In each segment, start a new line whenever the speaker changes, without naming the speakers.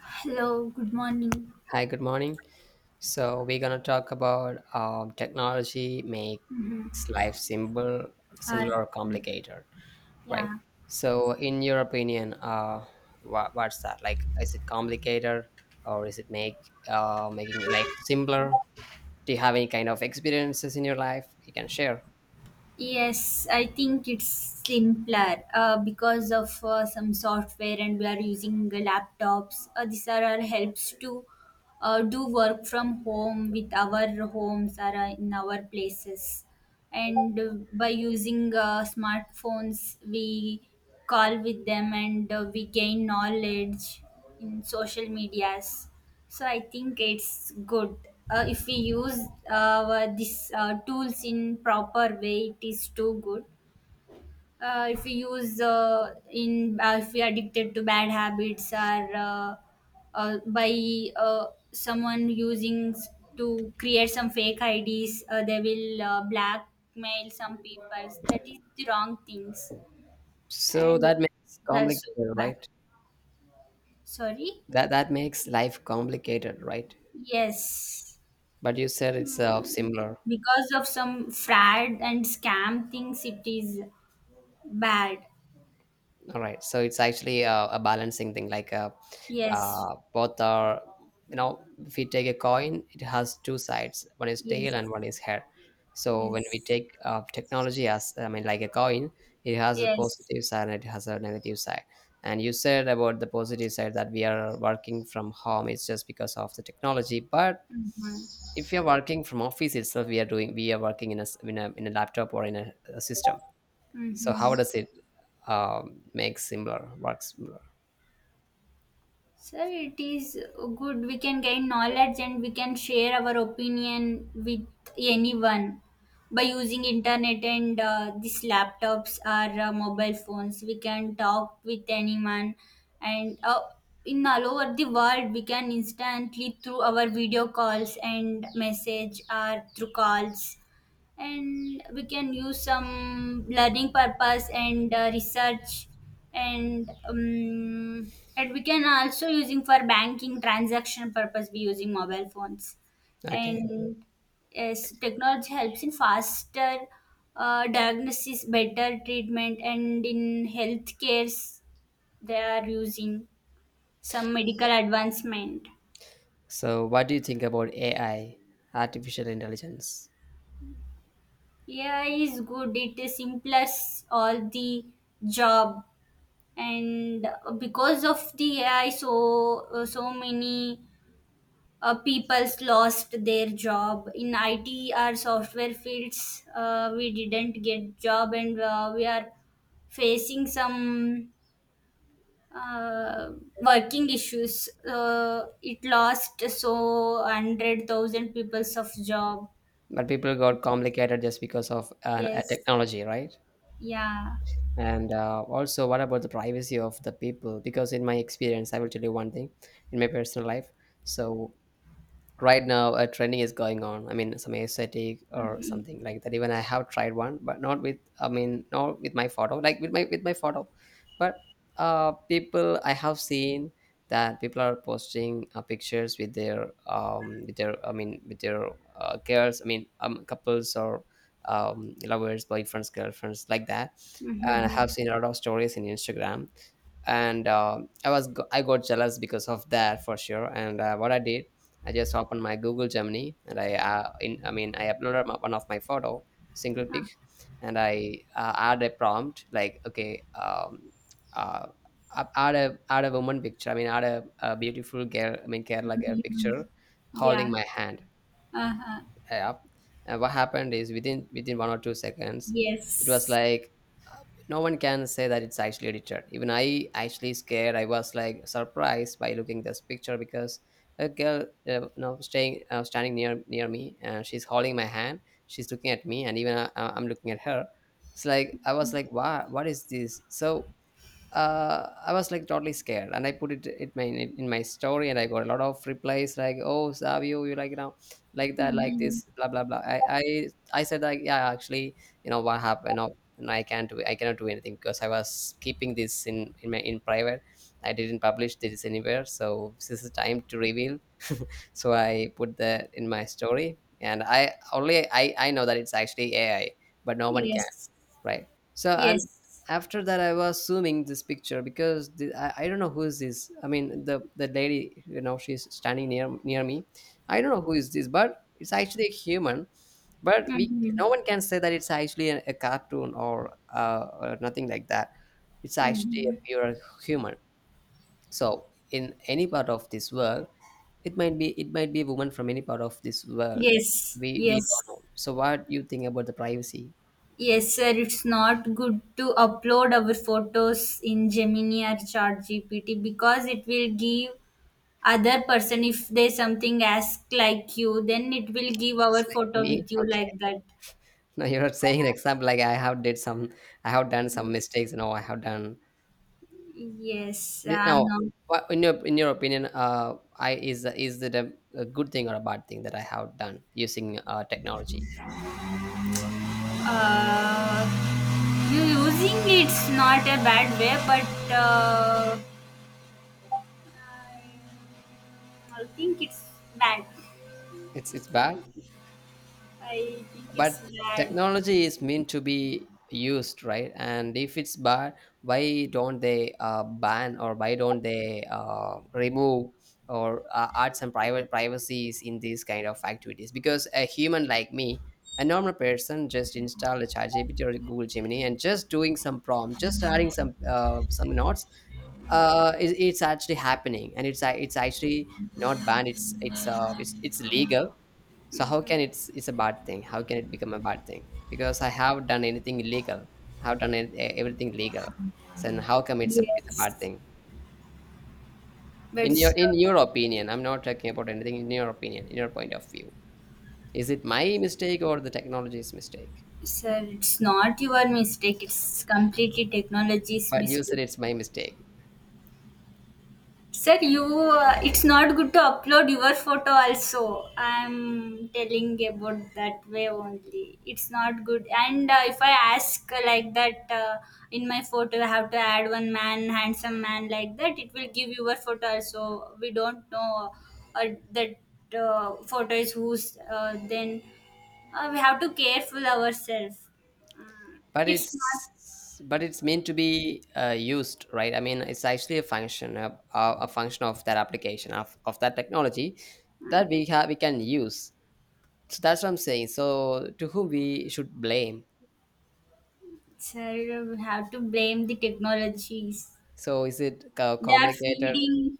Hello, good morning.
Hi, good morning. So we're gonna talk about technology makes life simple,
Or
similar or complicated, right?
yeah,
So, in your opinion, what's that like? Is it complicated, or is it make making life simpler? Do you have any kind of experiences in your life you can share?
yes, I think it's simpler because of some software, and we are using the laptops. These are our helps to do work from home with our homes or in our places. And by using smartphones, we call with them and we gain knowledge in social medias. So I think it's good if we use these tools in proper way. It is too good. If we use in if we are addicted to bad habits or by uh, someone using to create some fake IDs, they will blackmail some people. That is the wrong things,
So
and
that makes
that's so
complicated,
bad.
right?
Sorry.
That makes life complicated, right?
Yes.
But you said it's similar.
Because of some fraud and scam things, it is bad.
All right. So it's actually a balancing thing. Like
Yes,
both are, you know, if we take a coin, it has two sides. One is
yes,
tail and one is head. So when we
yes,
take technology as, I mean, like a coin, it has a
yes.
positive side and it has a negative side. And you said about the positive side that we are working from home. It's just because of the technology. But
Mm-hmm.
if you're working from office itself, we are doing, we are working in a, s- in a laptop or in a system. So
Mm-hmm.
how does it make similar work similar.
Sir, it is good. We can gain knowledge and we can share our opinion with anyone by using internet and these laptops or mobile phones. We can talk with anyone, and in all over the world, we can instantly through our video calls and message or through calls, and we can use some learning purpose and research and and we can also using for banking transaction purpose be using mobile phones.
Okay,
And yes, technology helps in faster diagnosis, better treatment, and in healthcare they are using some medical advancement.
so what do you think about AI, artificial intelligence?
Yeah, is good, it is simplest all the job. And because of the ai, so many people's lost their job in it or software fields. We didn't get job and we are facing some uh, working issues. It lost so 100,000 people's of job.
But people got complicated just because of a
Yes.
technology, right?
Yeah.
And also what about the privacy of the people? Because in my experience, I will tell you one thing. In my personal life, so right now a trending is going on, I mean some aesthetic or
Mhm.
something like that. Even I have tried one, but not with, I mean not with my photo, like with my photo. But people I have seen that people are posting pictures with their with their, I mean with their girls, I mean couples or lovers, boyfriends, girlfriends, like that. And I have
Mhm.
seen a lot of stories in Instagram. And I got jealous because of that, for sure. And what I did, I just opened my Google Gemini and I in I mean I uploaded my, one of my photo, single pic. And I add a prompt like, okay, uh add a woman picture, I mean add a beautiful girl, I mean Kerala girl
Mhm. Mhm.
picture, holding
Yeah.
my hand
Uh-huh.
app. And what happened is, within 1 or 2 seconds, it was
Yes.
like, uh, no one can say that it's actually edited. Even I actually scared, I was like surprised by looking this picture, because a girl, you know, staying standing near me, and she's holding my hand, she's looking at me, and even I'm looking at her. It's like I was like, wow, what is this? So I was like totally scared, and I put it it my in my story, and I got a lot of replies like, "Oh, Savio, you like, you know, like that, like
Mm-hmm.
this, blah blah blah." I said like, "Yeah, actually, you know what happened? No, no, I can't do, I cannot do anything because I was keeping this in private. I didn't publish this anywhere, so this is time to reveal." So I put that in my story, and I only I know that it's actually AI, but no one can.
Yes.
Right, so and
Yes.
after that I was zooming this picture because I don't know who is this, I mean the lady, you know, she's standing near me. I don't know who is this, but it's actually a human. But we,
Mm-hmm.
no one can say that it's actually a cartoon or nothing like that. It's actually a
Mm-hmm.
pure human. So in any part of this world, it might be a woman from any part of this world.
Yes.
We
Yes.
don't know. So what you think about the privacy?
Yes, sir. It's not good to upload our photos in Gemini or ChatGPT because it will give other person if they something ask like you, then it will give
Was
our
like
photo
me.
with you
Okay.
like that.
No, you're not saying an example like I have did some, I have done some
Yes.
mistakes. No, I have done.
Yes,
No,
I'm not.
what in your opinion, I, is it a good thing or a bad thing that I have done using technology?
Uh, you using it's not a bad way, but I think it's bad.
It's bad.
I think it's
But
bad.
technology is meant to be used, right? And if it's bad, why don't they ban, or why don't they remove or add some private privacies in these kind of activities? Because a human like me, a normal person, just install a chat gpt or Google Gemini and just doing some prompt, just adding some notes, it's actually happening, and it's actually not banned, it's legal. So how
Mm-hmm.
can it's a bad thing, how can it become a bad thing? Because I have done anything illegal? I have done everything legal. So then how come it's it's a bad
Yes,
thing?
but
In your
sir,
in your opinion, I'm not talking about anything, in your opinion, in your point of view, is it my mistake or the technology's mistake?
sir, it's not your mistake. It's completely technology's
But you said
mistake.
it's my mistake.
Sir, you it's not good to upload your photo also. I'm telling about that way only. It's not good. And if I ask like that in my photo, I have to add one man, handsome man like that. It will give your photo also. We don't know uh, that photo is whose. Then we have to careful ourselves. Mm.
But
It's not.
it's, but it's meant to be used, right? I mean it's actually a function of, a function of that application of that technology that
Mhm.
we have, we can use. So that's what I'm saying. So to whom we should blame?
Sir, we have to blame the technologies.
So is it
They are
complicated?
feeding,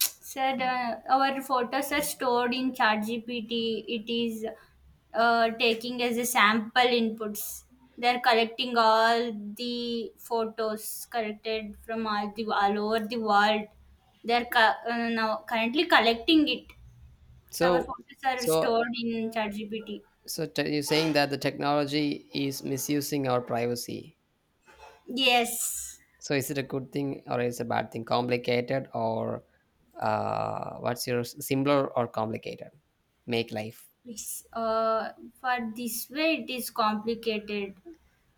said our photos are stored in ChatGPT. It is taking as a sample inputs. They're collecting all the photos collected from all the all over the world. They're co- Now currently collecting it. Our
So
photos are
so
stored in ChatGPT.
so you're saying that the technology is misusing our privacy.
Yes,
So is it a good thing or is it a bad thing? Complicated or what's your simpler or complicated? Make life.
it's, uh, for this way it is complicated.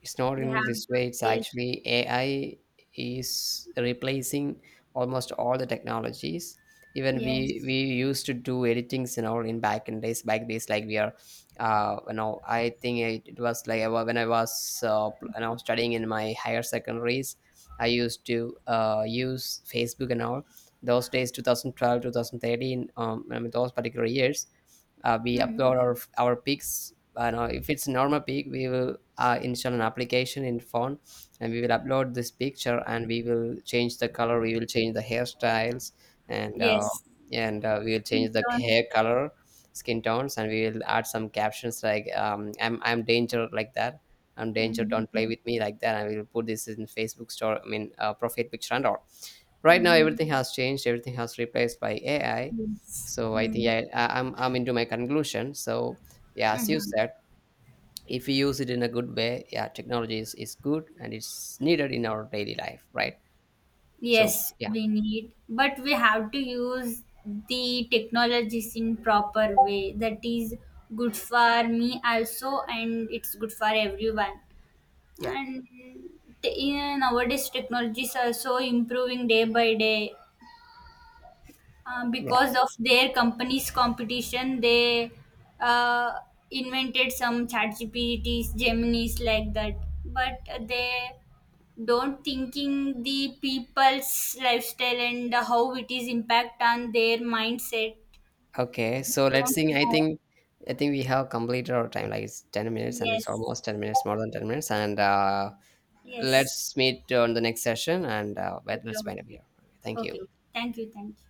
It's not
We have
in this
to
way. It's
take.
actually AI is replacing almost all the technologies. Even we
Yes.
we used to do editings, you know, in back in days, back days, like we are, you know, I think it was like when I was when I was studying in my higher secondaries, I used to use Facebook and all. Those days, 2012, 2013, I mean, those particular years, we
Mm-hmm.
upload our pics. No, if it's normal pic, we will install an application in phone, and we will upload this picture, and we will change the color, we will change the hairstyles, and
Yes,
we will
in
change the
turn.
hair color, skin tones, and we will add some captions like I'm danger," like that. I'm danger.
Mhm.
Don't play with me, like that. And we will put this in Facebook store, I mean, profile picture and all. Right now
Mhm.
everything has changed, everything has replaced by AI.
Yes.
So I think,
Mm.
I'm into my conclusion. So yeah, as you
Mhm.
said, if you use it in a good way, yeah, technology is good, and it's needed in our daily life, right? So
Yes,
yeah,
we need, but we have to use the technologies in proper way. That is good for me also, and it's good for everyone.
yeah,
And yeah, nowadays technologies are so improving day by day.
yeah.
Because of their company's competition, they uh, invented some chat gpts gemini's like that. But they don't thinking the people's lifestyle and how it is impact on their mindset.
Okay,
We
so let's
don't
think,
know.
I think we have completed our time, like it's 10 minutes, and it's
Yes.
almost 10 minutes, more than 10 minutes. And
Yes.
let's meet on the next session, and
Okay,
let's wind up
okay.
here. Okay, thank
Okay,
you.
okay. Thank you, thank you.